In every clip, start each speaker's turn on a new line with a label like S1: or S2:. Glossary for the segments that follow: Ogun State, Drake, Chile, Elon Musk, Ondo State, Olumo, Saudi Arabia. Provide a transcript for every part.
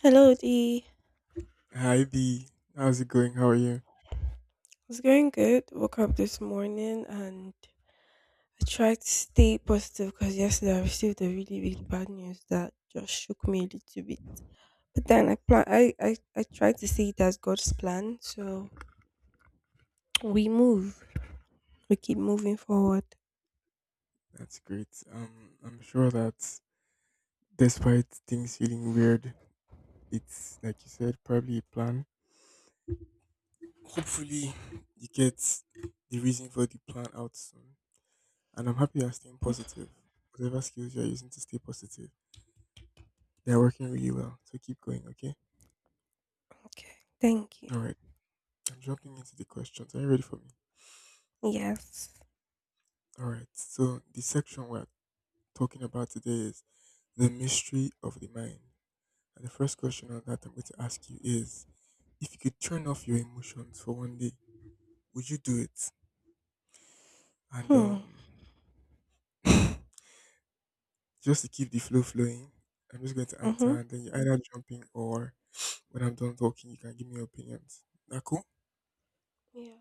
S1: Hello, D.
S2: Hi Dee, how's it going? How are you?
S1: It's going good. Woke up this morning and I tried to stay positive because yesterday I received a really, really bad news that just shook me a little bit. But then I plan I tried to see it as God's plan. So we move. We keep moving forward.
S2: That's great. I'm sure that despite things feeling weird, it's like you said, probably a plan. Hopefully, you get the reason for the plan out soon. And I'm happy you're staying
S1: Mhm.
S2: positive. Whatever skills you're using to stay positive, they're working really well. So keep going, okay?
S1: Okay. Thank you.
S2: All right. I'm jumping into the questions. Are you ready for me?
S1: Yes.
S2: All right. So the section we're talking about today is the mystery of the mind. And the first question on that I'm going to ask you is if you could turn off your emotions for one day, would you do it? And
S1: Hmm.
S2: just to keep the flow flowing, I'm just going to
S1: Mm-hmm.
S2: answer, and then you either jump in or when I'm done talking, you can give me your opinions. That cool?
S1: Yeah.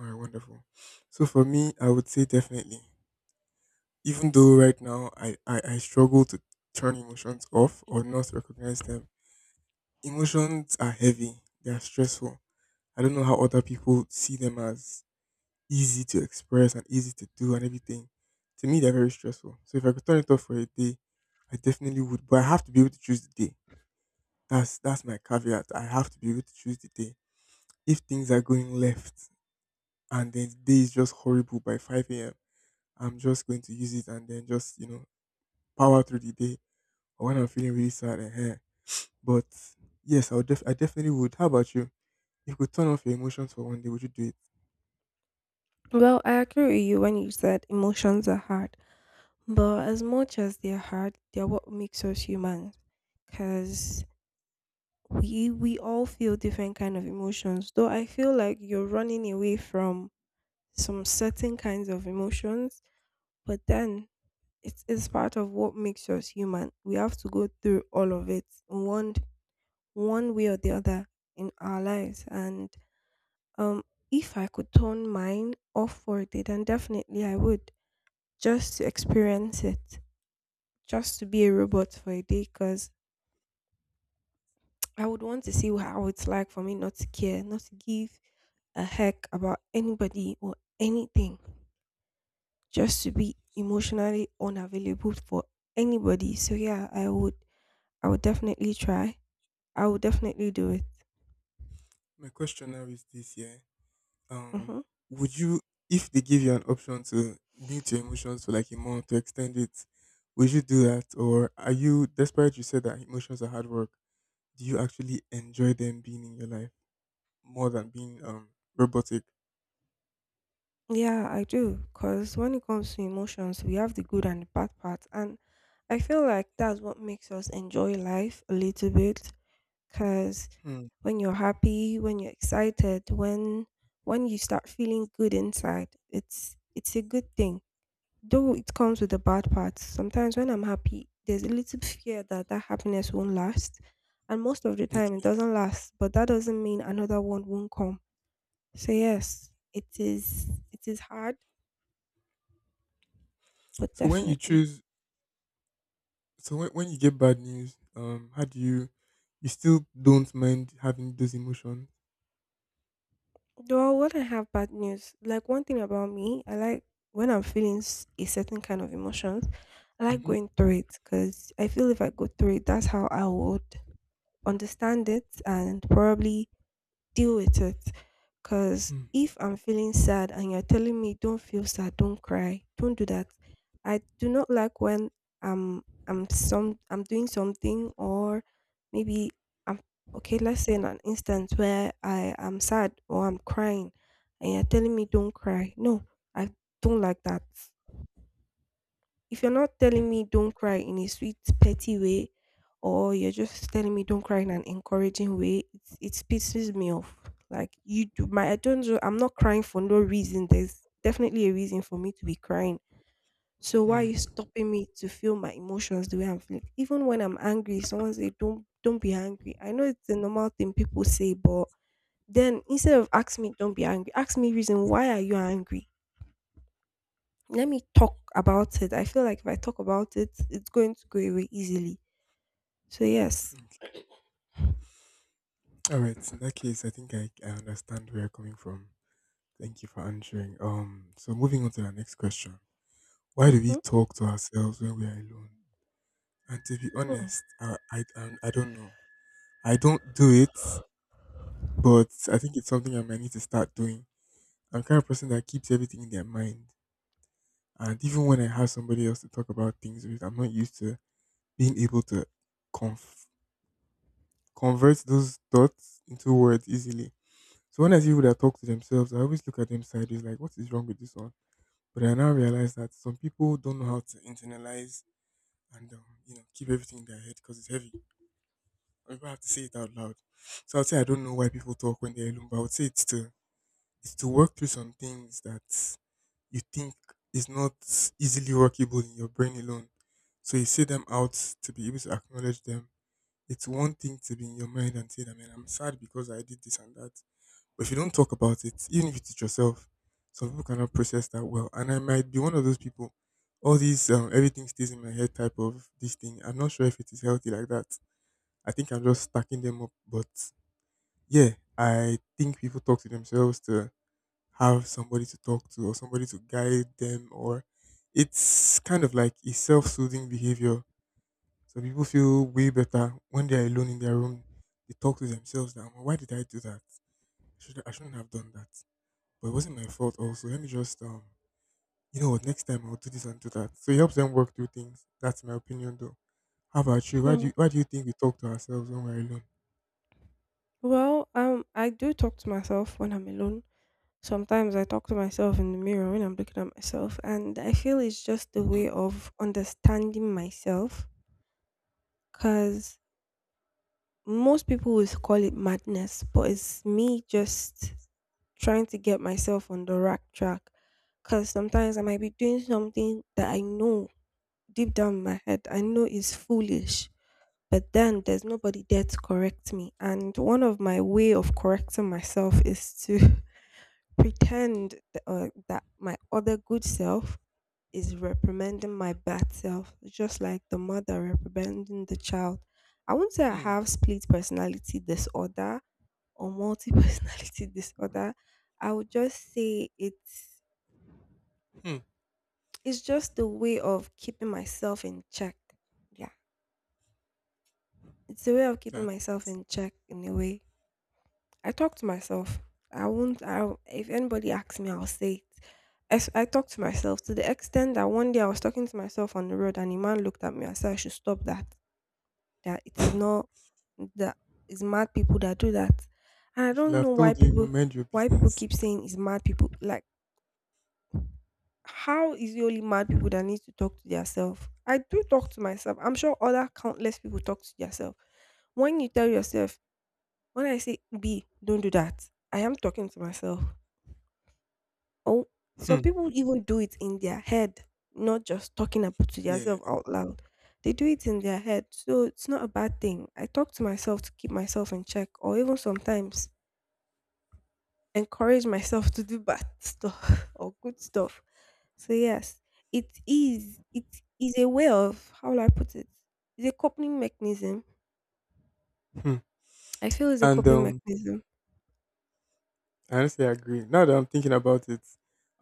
S2: All right, wonderful. So for me, I would say definitely. Even though right now I struggle to turn emotions off or not recognize them, emotions are heavy. They are stressful. I don't know how other people see them as easy to express and easy to do and everything. To me, they're very stressful. So if I could turn it off for a day, I definitely would. But I have to be able to choose the day. That's my caveat. I have to be able to choose the day. If things are going left and then the day is just horrible by 5 a.m., I'm just going to use it and then just power through the day. Or when I'm feeling really sad, and hair. But yes, I would. I definitely would. How about you? If you could turn off your emotions for one day, would you do it?
S1: Well, I agree with you when you said emotions are hard. But as much as they're hard, they're what makes us human. Because we all feel different kind of emotions, though I feel like you're running away from some certain kinds of emotions. But then it's part of what makes us human. We have to go through all of it one way or the other in our lives. And um if I could turn mine off for a day, then definitely I would. Just to experience it, just to be a robot for a day, because I would want to see how it's like for me not to care, not to give a heck about anybody or anything, just to be emotionally unavailable for anybody. So yeah, I would definitely try. I would definitely do it.
S2: My question now is this: Yeah, Um,
S1: Hmm.
S2: would you, if they give you an option to mute your emotions for like a month to extend it, would you do that, or are you despite you said that emotions are hard work? Do you actually enjoy them being in your life more than being robotic?
S1: Yeah, I do. Cause when it comes to emotions, we have the good and the bad part, and I feel like that's what makes us enjoy life a little bit. Cause
S2: Hmm.
S1: when you're happy, when you're excited, when you start feeling good inside, it's a good thing. Though it comes with the bad parts, sometimes when I'm happy, there's a little fear that that happiness won't last. And most of the time, it
S2: Okay.
S1: doesn't last, but that doesn't mean another one won't come. So, yes, it is hard, but
S2: So when you
S1: definitely.
S2: choose, so when you get bad news, how do you, you still don't mind having those emotions?
S1: Though, when I have bad news, like one thing about me, I like when I'm feeling a certain kind of emotions. I like
S2: Mm-hmm.
S1: going through it because I feel if I go through it, that's how I would understand it and probably deal with it. Because
S2: Hmm.
S1: if I'm feeling sad and you're telling me don't feel sad, don't cry, don't do that, I do not like when I'm I'm doing something, or maybe I'm okay, let's say in an instance where I am sad or I'm crying and you're telling me don't cry. No, I don't like that. If you're not telling me don't cry in a sweet, petty way, or you're just telling me don't cry in an encouraging way, it pisses me off. Like you do my I don't know, I'm not crying for no reason. There's definitely a reason for me to be crying. So why are
S2: Hmm.
S1: you stopping me to feel my emotions the way I'm feeling? Even when I'm angry, someone say don't be angry. I know it's a normal thing people say, but then instead of ask me don't be angry, ask me reason why are you angry? Let me talk about it. I feel like if I talk about it, it's going to go away easily. So yes.
S2: Okay. All right. In that case, I think I understand where you're coming from. Thank you for answering. So moving on to the next question. Why do we
S1: Mm-hmm.
S2: talk to ourselves when we are alone? And to be honest, I don't know. I don't do it, but I think it's something I might need to start doing. I'm the kind of person that keeps everything in their mind. And even when I have somebody else to talk about things with, I'm not used to being able to conf- convert those thoughts into words easily. So when I see people that talk to themselves, I always look at them sideways like, what is wrong with this one? But I now realize that some people don't know how to internalize and keep everything in their head because it's heavy. Or people have to say it out loud. So I'd say I don't know why people talk when they're alone, but I would say it's to work through some things that you think is not easily workable in your brain alone. So you say them out to be able to acknowledge them. It's one thing to be in your mind and say that man, I'm sad because I did this and that. But if you don't talk about it, even if you teach yourself, some people cannot process that well. And I might be one of those people. All these everything stays in my head type of this thing. I'm not sure if it is healthy like that. I think I'm just stacking them up. But yeah, I think people talk to themselves to have somebody to talk to or somebody to guide them or it's kind of like a self-soothing behavior. So people feel way better when they're alone in their room. They talk to themselves that, "Oh, why did I do that? Should I shouldn't have done that, but it wasn't my fault also. Let me just next time I'll do this and do that. So it helps them work through things. That's my opinion though. How about you?
S1: Hmm.
S2: Why do you think we talk to ourselves when we're alone?
S1: Well, I do talk to myself when I'm alone. Sometimes I talk to myself in the mirror when I'm looking at myself, and I feel it's just a
S2: Hmm,
S1: way of understanding myself. Cause most people would call it madness, but it's me just trying to get myself on the right track. Cause sometimes I might be doing something that I know deep down in my head, I know it's foolish, but then there's nobody there to correct me. And one of my way of correcting myself is to pretend that my other good self is reprimanding my bad self, just like the mother reprimanding the child. I won't say I
S2: hmm,
S1: have split personality disorder or multi personality disorder. I would just say it's
S2: hmm.
S1: it's just a way of keeping myself in check. Yeah. It's a way of keeping
S2: That
S1: myself in check in a way. I talk to myself. I won't. I if anybody asks me, I'll say it. I talk to myself to the extent that one day I was talking to myself on the road and a man looked at me and said I should stop that. That it is not that it's mad people that do that. And I
S2: you should
S1: don't know
S2: have
S1: why
S2: told you
S1: people
S2: mind your
S1: why people
S2: business.
S1: keep saying it's mad people. Like how is it only mad people that need to talk to themselves? I do talk to myself. I'm sure other countless people talk to themselves when you tell yourself. When I say B, don't do that, I am talking to myself. Oh, some
S2: Hmm.
S1: people even do it in their head, not just talking up to
S2: Yeah.
S1: themselves out loud. They do it in their head. So it's not a bad thing. I talk to myself to keep myself in check, or even sometimes encourage myself to do bad stuff or good stuff. So yes, it is a way of, how will I put it? It's a coping mechanism.
S2: Hmm.
S1: I feel it's a
S2: And
S1: coping mechanism.
S2: I honestly agree. Now that I'm thinking about it,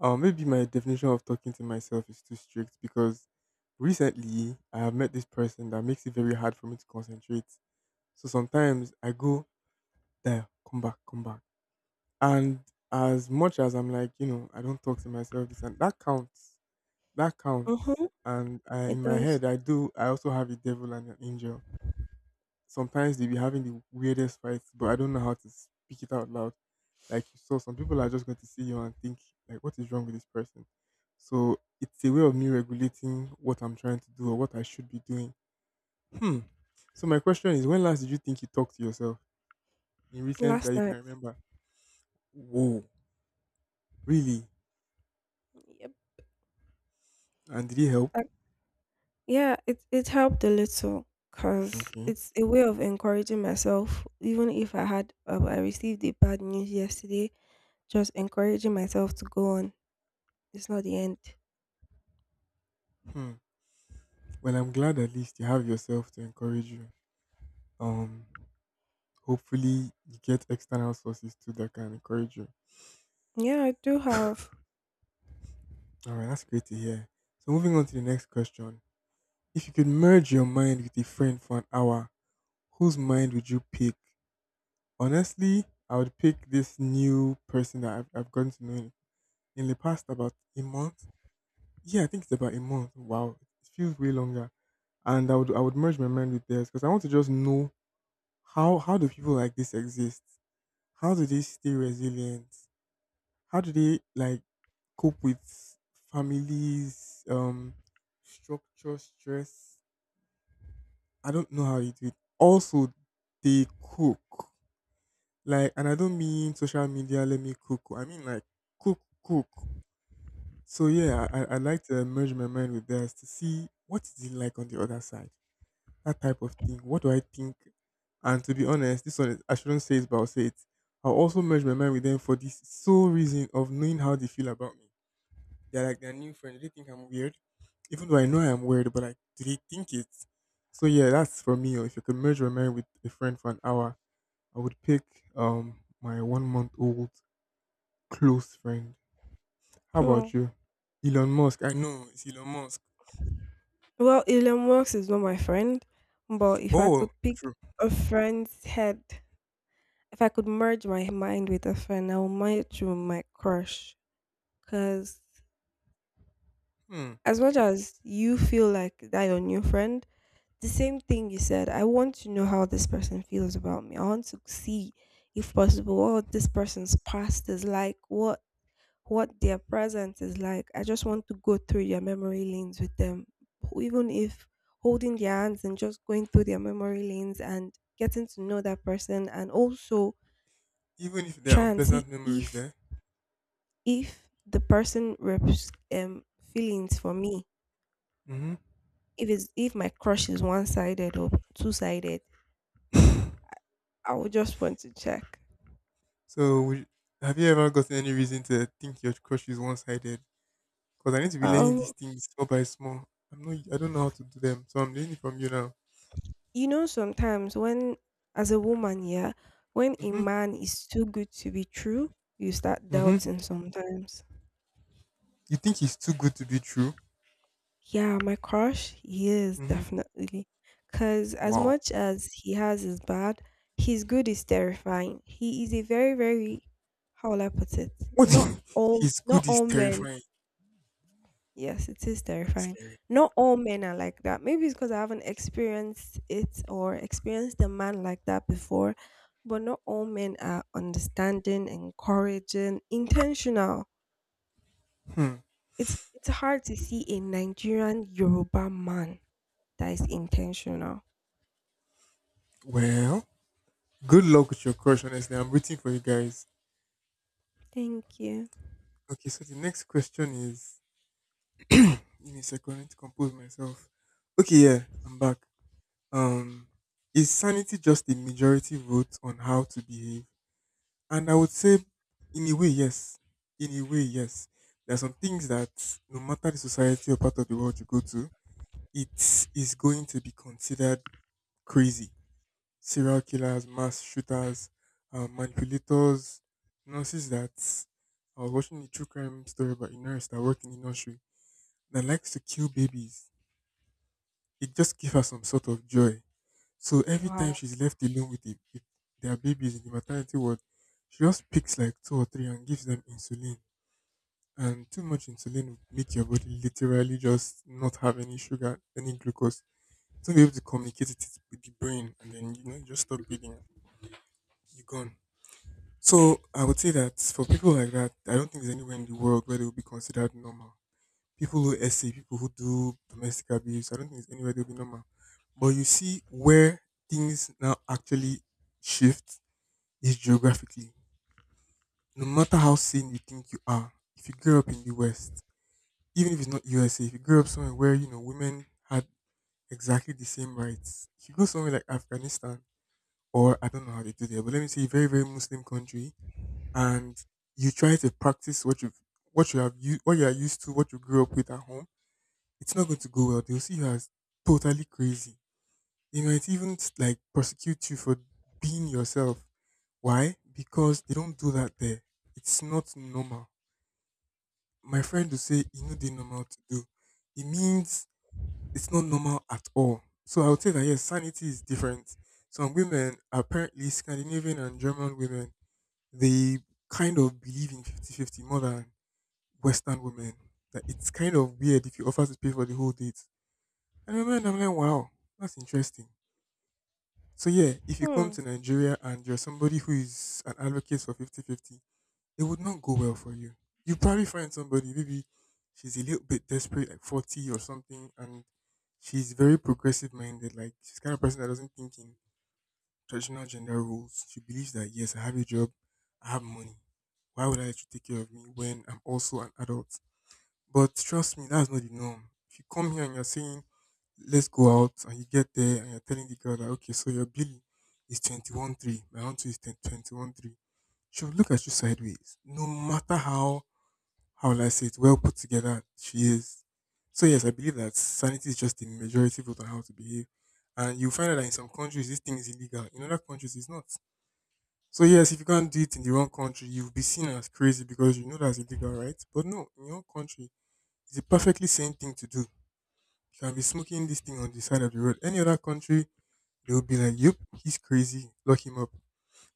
S2: maybe my definition of talking to myself is too strict because recently I have met this person that makes it very hard for me to concentrate. So sometimes I go there, come back, and as much as I'm like, you know, I don't talk to myself, this and that counts. That counts.
S1: Mm-hmm.
S2: And I,
S1: It
S2: in my
S1: does.
S2: head, I do. I also have a devil and an angel. Sometimes they be having the weirdest fights, but I don't know how to speak it out loud. Like you saw, some people are just going to see you and think, like, what is wrong with this person? So it's a way of me regulating what I'm trying to do or what I should be doing. Hmm. So my question is, when last did you think you talked to yourself in recent that
S1: Last
S2: you can
S1: night.
S2: remember? Whoa, really?
S1: Yep.
S2: And did it help?
S1: Yeah, it helped a little because
S2: Okay.
S1: it's a way of encouraging myself. Even if I received a bad news yesterday, just encouraging myself to go on. It's not the end.
S2: Hmm. Well, I'm glad at least you have yourself to encourage you. Um, hopefully you get external sources too that can encourage you.
S1: Yeah, I do have.
S2: All right, that's great to hear. So moving on to the next question: If you could merge your mind with a friend for an hour, whose mind would you pick? Honestly, I would pick this new person that I've gotten to know in the past about a month. Yeah, I think it's about a month. Wow, it feels way longer. And I would merge my mind with theirs because I want to just know how do people like this exist? How do they stay resilient? How do they like cope with families, structure, stress? I don't know how you do it. Also, they cook. Like, and I don't mean social media, let me cook. I mean like cook, cook. So yeah, I'd like to merge my mind with theirs to see what is it like on the other side. That type of thing. What do I think? And to be honest, this one is, I shouldn't say it, but I'll say it. I'll also merge my mind with them for this sole reason of knowing how they feel about me. They're like their new friend. Do they think I'm weird, even though I know I am weird. But like, do they think it? So yeah, that's for me. Or if you could merge my mind with a friend for an hour, I would pick my one month old close friend. How
S1: Hmm.
S2: about you? Elon Musk. I know it's Elon Musk.
S1: Well, Elon Musk is not my friend, but if I
S2: Oh,
S1: could pick
S2: true.
S1: a friend's head, if I could merge my mind with a friend, I would merge with my crush. Because
S2: Hmm.
S1: as much as you feel like that your new friend, the same thing you said. I want to know how this person feels about me. I want to see, if possible, what this person's past is like, what their present is like. I just want to go through their memory lanes with them, even if holding their hands and just going through their memory lanes and getting to know that person, and also
S2: Even if there are
S1: try and see
S2: unpleasant memories
S1: if
S2: there.
S1: the person reps feelings for me. If my crush is one sided or two sided,
S2: Mm-hmm.
S1: I would just want to check.
S2: So, have you ever gotten any reason to think your crush is one sided? Because I need to be learning
S1: Um,
S2: these things small by small. I'm not. I don't know how to do them, so I'm learning from you now.
S1: sometimes when, as a woman, yeah, when a
S2: Mhm.
S1: man is too good to be true, you start
S2: Mhm.
S1: doubting sometimes.
S2: You think he's too good to be true?
S1: Yeah, my crush, yes,
S2: Mhm.
S1: definitely. Because as
S2: Wow.
S1: much as he has is bad, his good is terrifying. He is a very, very, how will I put it?
S2: What?
S1: Not all,
S2: He's
S1: not
S2: good is
S1: all men.
S2: terrifying
S1: Yes, it is
S2: and
S1: terrifying.
S2: scary.
S1: Not all men are like that. Maybe it's because I haven't experienced it or experienced a man like that before. But not all men are understanding, encouraging, intentional.
S2: Hmm.
S1: It's hard to see a Nigerian Yoruba man that is intentional.
S2: Well, good luck with your crush. Honestly, I'm rooting for you guys.
S1: Thank you.
S2: Okay, so the next question is. Give me a second. I need to compose myself. Okay, yeah, I'm back. Um, is sanity just a majority vote on how to behave? And I would say, in a way, yes. In a way, yes. There are some things that, no matter the society or part of the world you go to, it is going to be considered crazy. Serial killers, mass shooters, manipulators, nurses that I was watching a true crime story about a nurse that worked in the nursery that likes to kill babies. It just gives her some sort of joy. So every time
S1: Wow.
S2: she's left alone with, with their babies in the maternity ward, she just picks like two or three and gives them insulin. And too much insulin will make your body literally just not have any sugar, any glucose. It's not be able to communicate it with the brain, and then you know you just stop breathing. You're gone. So I would say that for people like that, I don't think there's anywhere in the world where they will be considered normal people who essay, people who do domestic abuse. I don't think it's anywhere they'll be normal. But you see where things now actually shift is geographically. No matter how sane you think you are, if you grew up in the West, even if it's not USA, if you grew up somewhere where, you know, women had exactly the same rights, if you go somewhere like Afghanistan, or I don't know how they do there, but let me say a very, very Muslim country, and you try to practice what you are used to, what you grew up with at home, it's not going to go well. They'll see you as totally crazy. They might even like prosecute you for being yourself. Why? Because they don't do that there. It's not normal. My friend will say, you know, they normal to do. It means it's not normal at all. So I would say that yes, sanity is different. Some women, apparently Scandinavian and German women, they kind of believe in 50-50 more than Western women. That it's kind of weird if you offer to pay for the whole date. And I remember like, I'm like, wow, that's interesting. So yeah, if you come
S1: Hmm.
S2: to Nigeria and you're somebody who is an advocate for 50-50, it would not go well for you. You probably find somebody, maybe she's a little bit desperate, like 40 or something, and she's very progressive minded. Like she's the kind of person that doesn't think in traditional gender roles. She believes that yes, I have a job, I have money. Why would I let you take care of me when I'm also an adult? But trust me, that's not the norm. If you come here and you're saying, let's go out, and you get there and you're telling the girl that, okay, so your bill is 21.3, my own too is 21.3, she'll look at you sideways, no matter how will I say it, well put together she is. So, yes, I believe that sanity is just the majority vote on how to behave. And you find out that in some countries, this thing is illegal. In other countries, it's not. So, yes, if you can't do it in the wrong country, you'll be seen as crazy because you know that's illegal, right? But no, in your country, it's a perfectly sane thing to do. You can be smoking this thing on the side of the road. Any other country, they will be like, "Yep, he's crazy. Lock him up."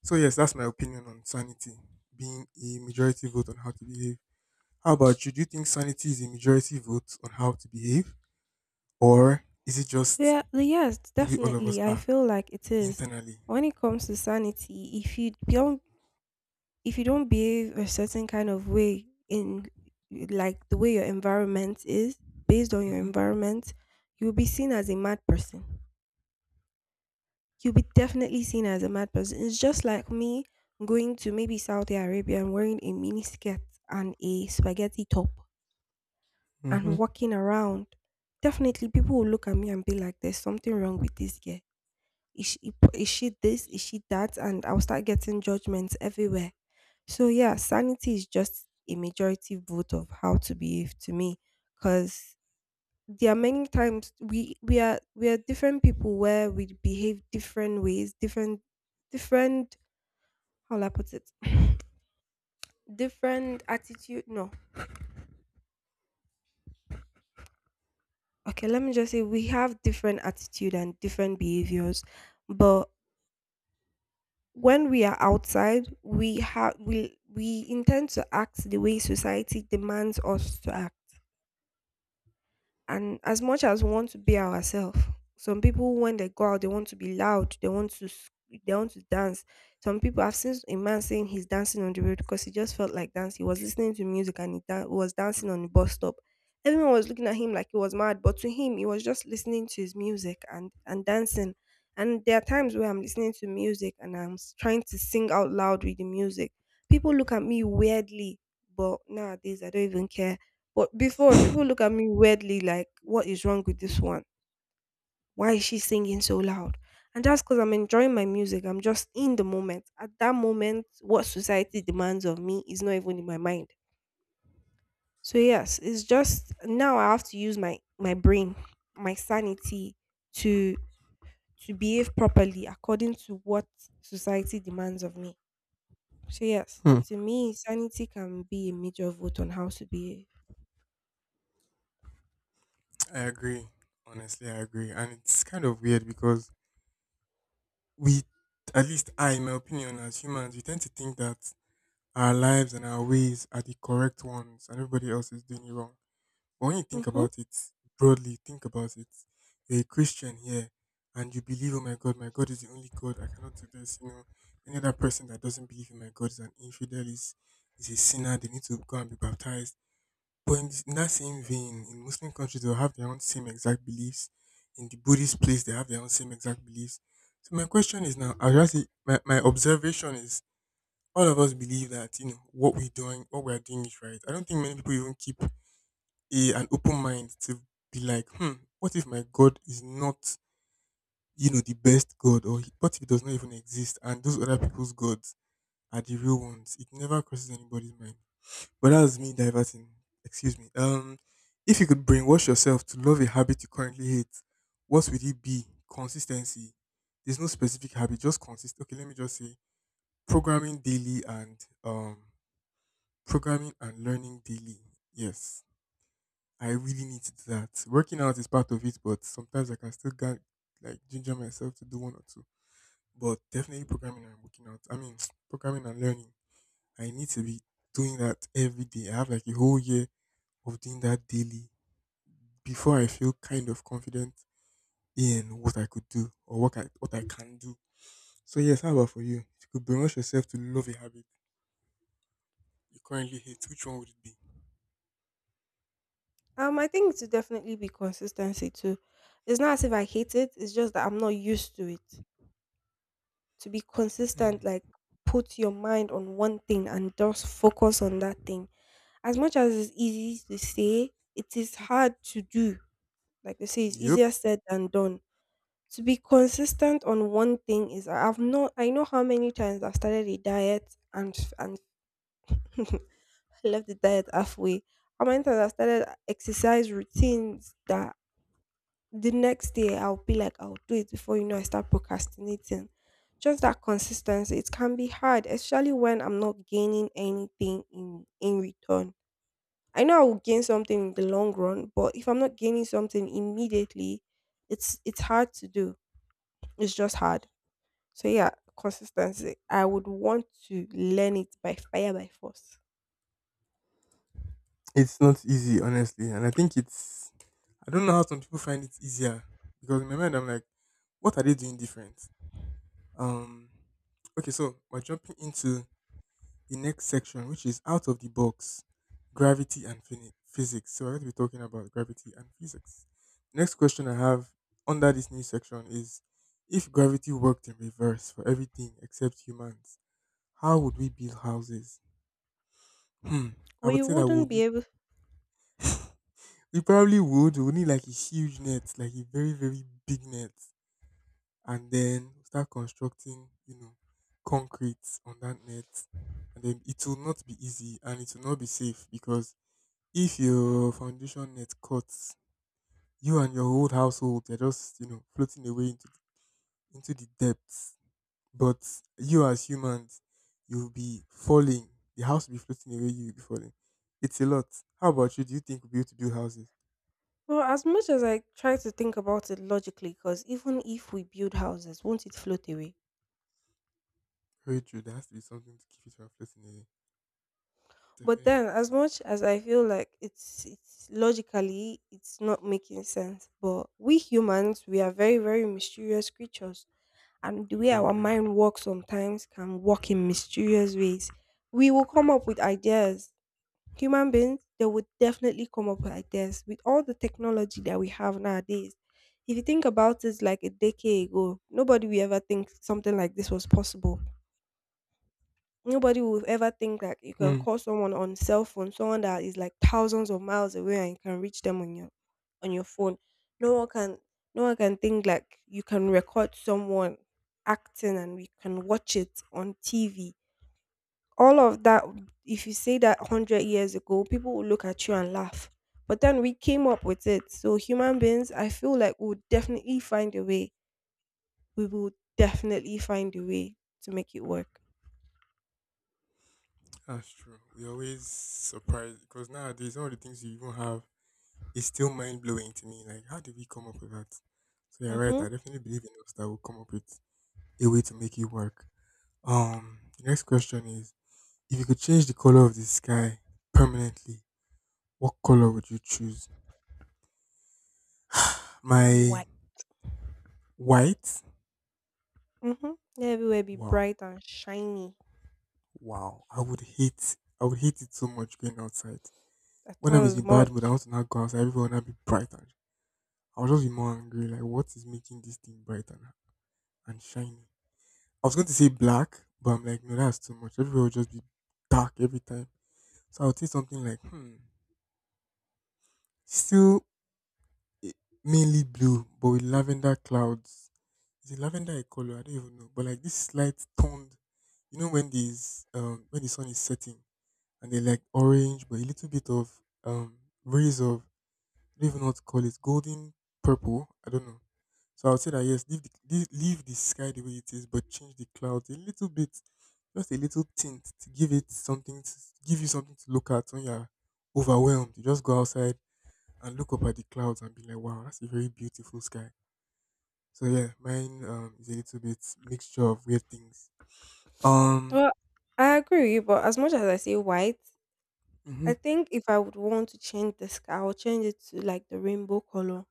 S2: So yes, that's my opinion on sanity being a majority vote on how to behave. How about you? Do you think sanity is a majority vote on how to behave, or is it just
S1: Yeah, yes,
S2: the way all of us
S1: definitely. I
S2: are
S1: feel like it is.
S2: internally?
S1: When it comes to sanity, if you don't behave a certain kind of way in, like, the way your environment is, based on your
S2: hmm
S1: environment, you'll be seen as a mad person. You'll be definitely seen as a mad person. It's just like me going to maybe Saudi Arabia and wearing a mini skirt and a spaghetti top
S2: hmm
S1: and walking around. Definitely people will look at me and be like, there's something wrong with this girl. Is she, is she this, is she that? And I'll start getting judgments everywhere. So yeah, sanity is just a majority vote of how to behave to me, because there are many times we are different people where we behave different ways, different how will I put it, different attitude. No, okay, let me just say we have different attitude and different behaviors, but when we are outside, we have we intend to act the way society demands us to act. And as much as we want to be ourselves, some people when they go out, they want to be loud, they want to dance. Some people, I've seen a man saying he's dancing on the road because he just felt like dance. He was listening to music and he was dancing on the bus stop. Everyone was looking at him like he was mad, but to him, he was just listening to his music and dancing. And there are times where I'm listening to music and I'm trying to sing out loud with the music. People look at me weirdly, but nowadays I don't even care. But before, people look at me weirdly like, what is wrong with this one? Why is she singing so loud? And that's because I'm enjoying my music. I'm just in the moment. At that moment, what society demands of me is not even in my mind. So yes, it's just now I have to use my brain, my sanity to to behave properly according to what society demands of me. So yes,
S2: Hmm.
S1: to me, sanity can be a major vote on how to behave.
S2: I agree. Honestly, I agree, and it's kind of weird because we, at least I, in my opinion, as humans, we tend to think that our lives and our ways are the correct ones and everybody else is doing it wrong. But when you think
S1: Mhm.
S2: about it broadly, think about it. You're a Christian here and you believe, oh my God is the only God. I cannot do this. You know, any other person that doesn't believe in my God is an infidel, is a sinner. They need to go and be baptized. In that same vein, in Muslim countries, they'll have their own same exact beliefs. In the Buddhist place, they have their own same exact beliefs. So my question is now, my observation is all of us believe that you know what we're doing is right. I don't think many people even keep a an open mind to be like, hmm, what if my God is not, you know, the best God, what if he does not even exist, and those other people's gods are the real ones? It never crosses anybody's mind. But that's me diverting. Excuse me. If you could brainwash yourself to love a habit you currently hate, what would it be? Consistency. There's no specific habit, just consist. Okay, let me just say programming daily and um programming and learning daily. Yes, I really need to do that. Working out is part of it, but sometimes I can still get like ginger myself to do one or two. But definitely programming and working out. I mean, programming and learning. I need to be doing that every day. I have like a whole year of doing that daily before I feel kind of confident in what I could do or what I can do. So yes, how about for you? If you could brainwash yourself to love a habit you currently hate, which one would it be?
S1: I think it would definitely be consistency too. It's not as if I hate it, it's just that I'm not used to it. To be
S2: Hmm.
S1: consistent, like put your mind on one thing and just focus on that thing. As much as it's easy to say, it is hard to do. Like they say, it's
S2: Yup.
S1: easier said than done. To be consistent on one thing is I've not I know how many times I've started a diet and I left the diet halfway. How many times I've started exercise routines that the next day I'll be like, I'll do it before I start procrastinating. Just that consistency. It can be hard, especially when I'm not gaining anything in return. I know I will gain something in the long run, but if I'm not gaining something immediately, it's hard to do. It's just hard. So yeah, consistency. I would want to learn it by fire by force.
S2: It's not easy, honestly. And I think it's, I don't know how some people find it easier because in my mind, I'm like, what are they doing different? Um, okay, so we're jumping into the next section, which is out of the box gravity and physics. So, we're going to be talking about gravity and physics. Next question I have under this new section is if gravity worked in reverse for everything except humans, how would we build houses? Hmm, I
S1: We
S2: would say that we
S1: wouldn't
S2: would need.
S1: be able.
S2: We probably would. We would need like a huge net, like a very, very big net, and then start constructing, you know, concrete on that net. And then it will not be easy and it will not be safe because if your foundation net cuts, you and your whole household are just, you know, floating away into into the depths. But you as humans, you'll be falling. The house will be floating away, you'll be falling. It's a lot. How about you? Do you think we'll be able to build houses?
S1: Well, as much as I try to think about it logically, because even if we build houses, won't it float away?
S2: Very true. There has to be something to keep it from floating away.
S1: But
S2: Definitely has
S1: then,
S2: to be
S1: as
S2: something.
S1: much as I feel like it's logically it's not making sense, but we humans we are very, very mysterious creatures, and the way
S2: Very,
S1: our
S2: very.
S1: mind works sometimes can work in mysterious ways. We will come up with ideas. Human beings they would definitely come up with ideas with all the technology that we have nowadays. If you think about it, like a decade ago, nobody would ever think something like this was possible. Nobody will ever think that you can
S2: Hmm.
S1: call someone on cell phone, someone that is like thousands of miles away, and you can reach them on your phone. No one can no one can think like you can record someone acting and we can watch it on TV. All of that, if you say that 100 years ago, people will look at you and laugh. But then we came up with it. So human beings, I feel like we'll definitely find a way. We will definitely find a way to make it work.
S2: That's true. We always surprised because nowadays some of the things you even have is still mind blowing to me. Like, how did we come up with that? So you're right.
S1: Mm-hmm.
S2: I definitely believe in us that will come up with a way to make it work. The next question is: if you could change the color of the sky permanently, what color would you choose? My
S1: Why?
S2: White.
S1: Mhm. Everywhere be
S2: Wow,
S1: bright and shiny.
S2: wow. I would hate. I would hate it so much going outside.
S1: I
S2: When I'm
S1: thought as
S2: in bad mood, I
S1: much.
S2: want to not go outside. Everyone will now be bright and I'll just be more angry. Like, what is making this thing bright and shiny? I was going to say black, but I'm like, no, that's too much. Everyone will just be dark every time. So I'll say something like, still eh, mainly blue, but with lavender clouds. Is it lavender a color? I don't even know. But like this slight toned, you know, when this when the sun is setting and they like orange, but a little bit of um rays of don't even know what to call it, golden purple. I don't know. So I would say that yes, leave the leave the sky the way it is, but change the clouds a little bit, just a little tint to give it something to give you something to look at when you're overwhelmed. You just go outside and look up at the clouds and be like, wow, that's a very beautiful sky. So yeah, mine is a little bit mixture of weird things. Um,
S1: Well, I agree with you, but as much as I say white,
S2: hmm.
S1: I think if I would want to change the sky, I would change it to like the rainbow color.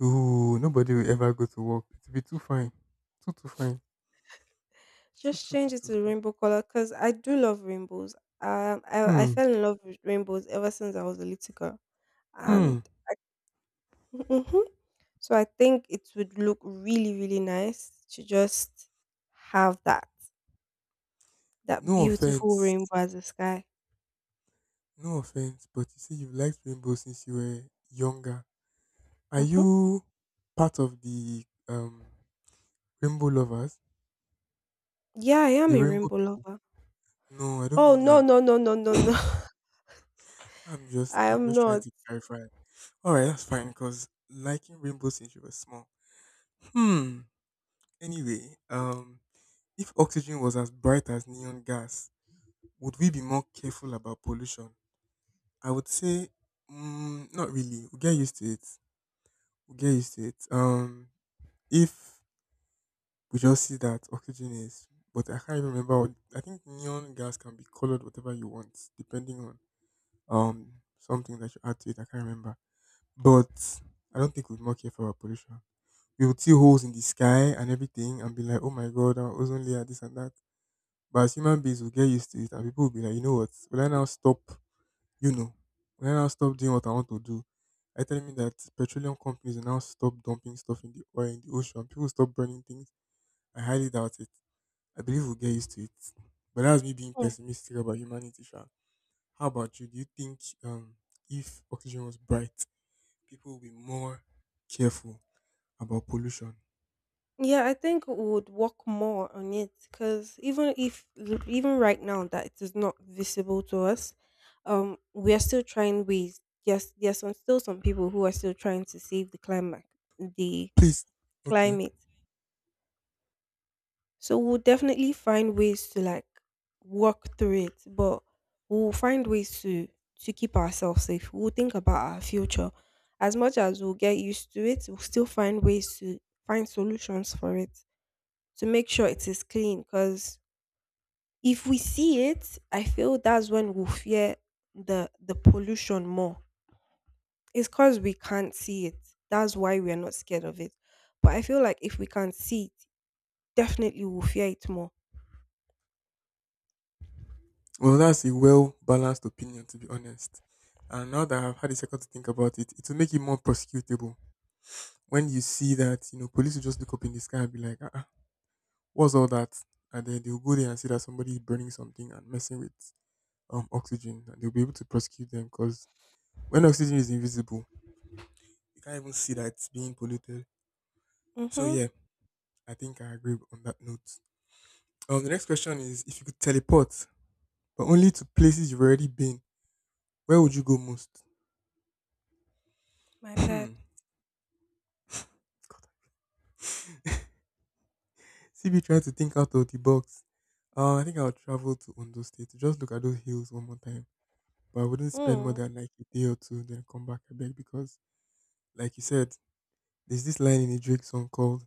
S2: Ooh, nobody will ever go to work. It'll be too fine, too fine,
S1: Just change it
S2: too
S1: to the
S2: fine.
S1: rainbow color because I do love rainbows. I
S2: Hmm.
S1: fell in love with rainbows ever since I was a little girl,
S2: Hmm.
S1: and hmm, so I think it would look really, really nice to just have that
S2: No
S1: beautiful
S2: offense,
S1: rainbow as a sky.
S2: no offense, but you say you've liked rainbow since you were younger. Are
S1: Hmm.
S2: you part of the rainbow lovers,
S1: Yeah, I am
S2: the
S1: a
S2: rainbow
S1: rainbow
S2: people?
S1: lover.
S2: No, I don't
S1: Oh,
S2: mean
S1: no,
S2: like.
S1: no, no, no, no, no. I
S2: I'm
S1: am
S2: just trying
S1: not.
S2: to clarify. All right, that's fine. Cause liking rainbow since you were small. Hmm. Anyway, if oxygen was as bright as neon gas, would we be more careful about pollution? I would say, mm, not really. We will get used to it. If we just see that oxygen is, but I can't even remember. What, I think neon gas can be colored whatever you want, depending on um something that you add to it. I can't remember, but I don't think we'd more care for our pollution. We would see holes in the sky and everything, and be like, "Oh my god, our ozone layer, this and that." But as human beings, we'll get used to it, and people will be like, "You know what? Will I now stop? You know, will I now stop doing what I want to do?" I tell me that petroleum companies will now stop dumping stuff in the oil in the ocean. People will stop burning things. I highly doubt it. I believe we'll get used to it. But that's me being
S1: Oh.
S2: pessimistic about humanity, Sha. How about you? Do you think if oxygen was bright, people would be more careful about pollution?
S1: Yeah, I think we would work more on it because even if even right now that it is not visible to us, we are still trying ways. Yes, there are some, still some people who are still trying to save the climate, the
S2: Please. Okay.
S1: climate. So we'll definitely find ways to like work through it, but we'll find ways to keep ourselves safe. We'll think about our future. As much as we'll get used to it, we'll still find ways to find solutions for it to make sure it is clean. Because if we see it, I feel that's when we'll fear the pollution more. It's because we can't see it. That's why we are not scared of it. But I feel like if we can see it, definitely we'll fear it more.
S2: Well, that's a well balanced opinion, to be honest. And now that I've had a second to think about it, it will make it more prosecutable. When you see that, you know, police will just look up in the sky and be like, ah, ah, what's all that? And then they'll go there and see that somebody is burning something and messing with oxygen. And they'll be able to prosecute them because when oxygen is invisible, you can't even see that it's being polluted. So
S1: Mm-hmm.
S2: yeah, I think I agree on that note. The next question is if you could teleport, but only to places you've already been, where would you go most?
S1: My
S2: Hmm.
S1: bad.
S2: CB trying to think out of the box. I think I'll travel to Ondo State. To Just look at those hills one more time. But I wouldn't spend more
S1: Hmm.
S2: than like a day or two, then come back I beg because, like you said, there's this line in a Drake song called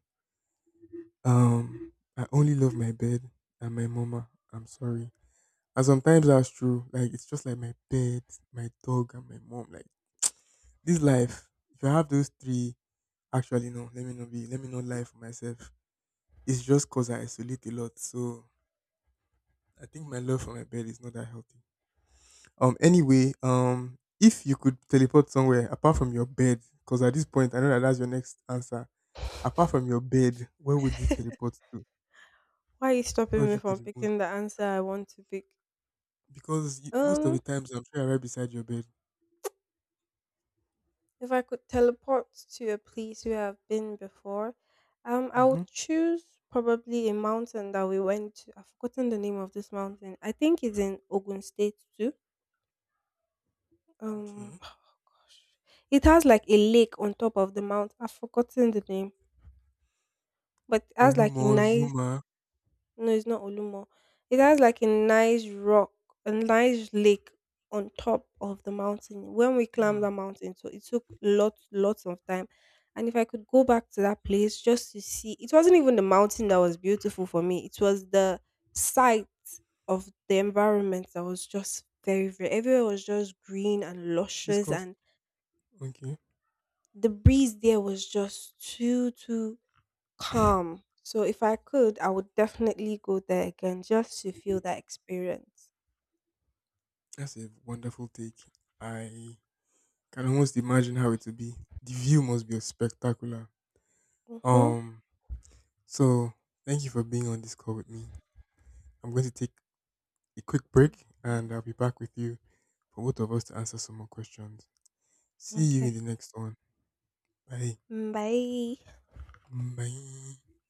S2: "I only love my bed and my mama." I'm sorry. And sometimes that's true. Like it's just like my bed, my dog, and my mom. Like this life, if I have those three, actually no, let me not lie for myself. It's just cause I isolate a lot. So I think my love for my bed is not that healthy. Anyway, if you could teleport somewhere apart from your bed, cause at this point I know that that's your next answer. Apart from your bed, where would you teleport to?
S1: Why are you
S2: Where
S1: stopping
S2: would
S1: me
S2: you go
S1: from
S2: the most?
S1: picking the answer I want to pick?
S2: Because most of the
S1: Um,
S2: times I'm sure you're right beside your bed.
S1: if I could teleport to a place where I've been before, I
S2: Mm-hmm.
S1: would choose probably a mountain that we went to. I've forgotten the name of this mountain. I think it's in Ogun State too. Um,
S2: Okay.
S1: gosh, it has like a lake on top of the mount. I've forgotten the name, but it has like
S2: Olumo,
S1: a nice.
S2: Zuma,
S1: No, it's not Olumo. It has like a nice rock, a nice lake on top of the mountain. When we climbed
S2: Hmm.
S1: that mountain, so it took lots, lots of time. And if I could go back to that place just to see, it wasn't even the mountain that was beautiful for me. It was the sight of the environment that was just very, very. Everywhere was just green and
S2: This
S1: luscious,
S2: cough.
S1: and
S2: Okay.
S1: the breeze there was just too, too calm. So if I could, I would definitely go there again just to feel that experience.
S2: That's a wonderful take. I can almost imagine how it would be. The view must be spectacular.
S1: Mm-hmm.
S2: Um. So thank you for being on this call with me. I'm going to take a quick break, and I'll be back with you for both of us to answer some more questions. See you in
S1: Okay.
S2: the next one. Bye.
S1: Mm, bye.
S2: Bye.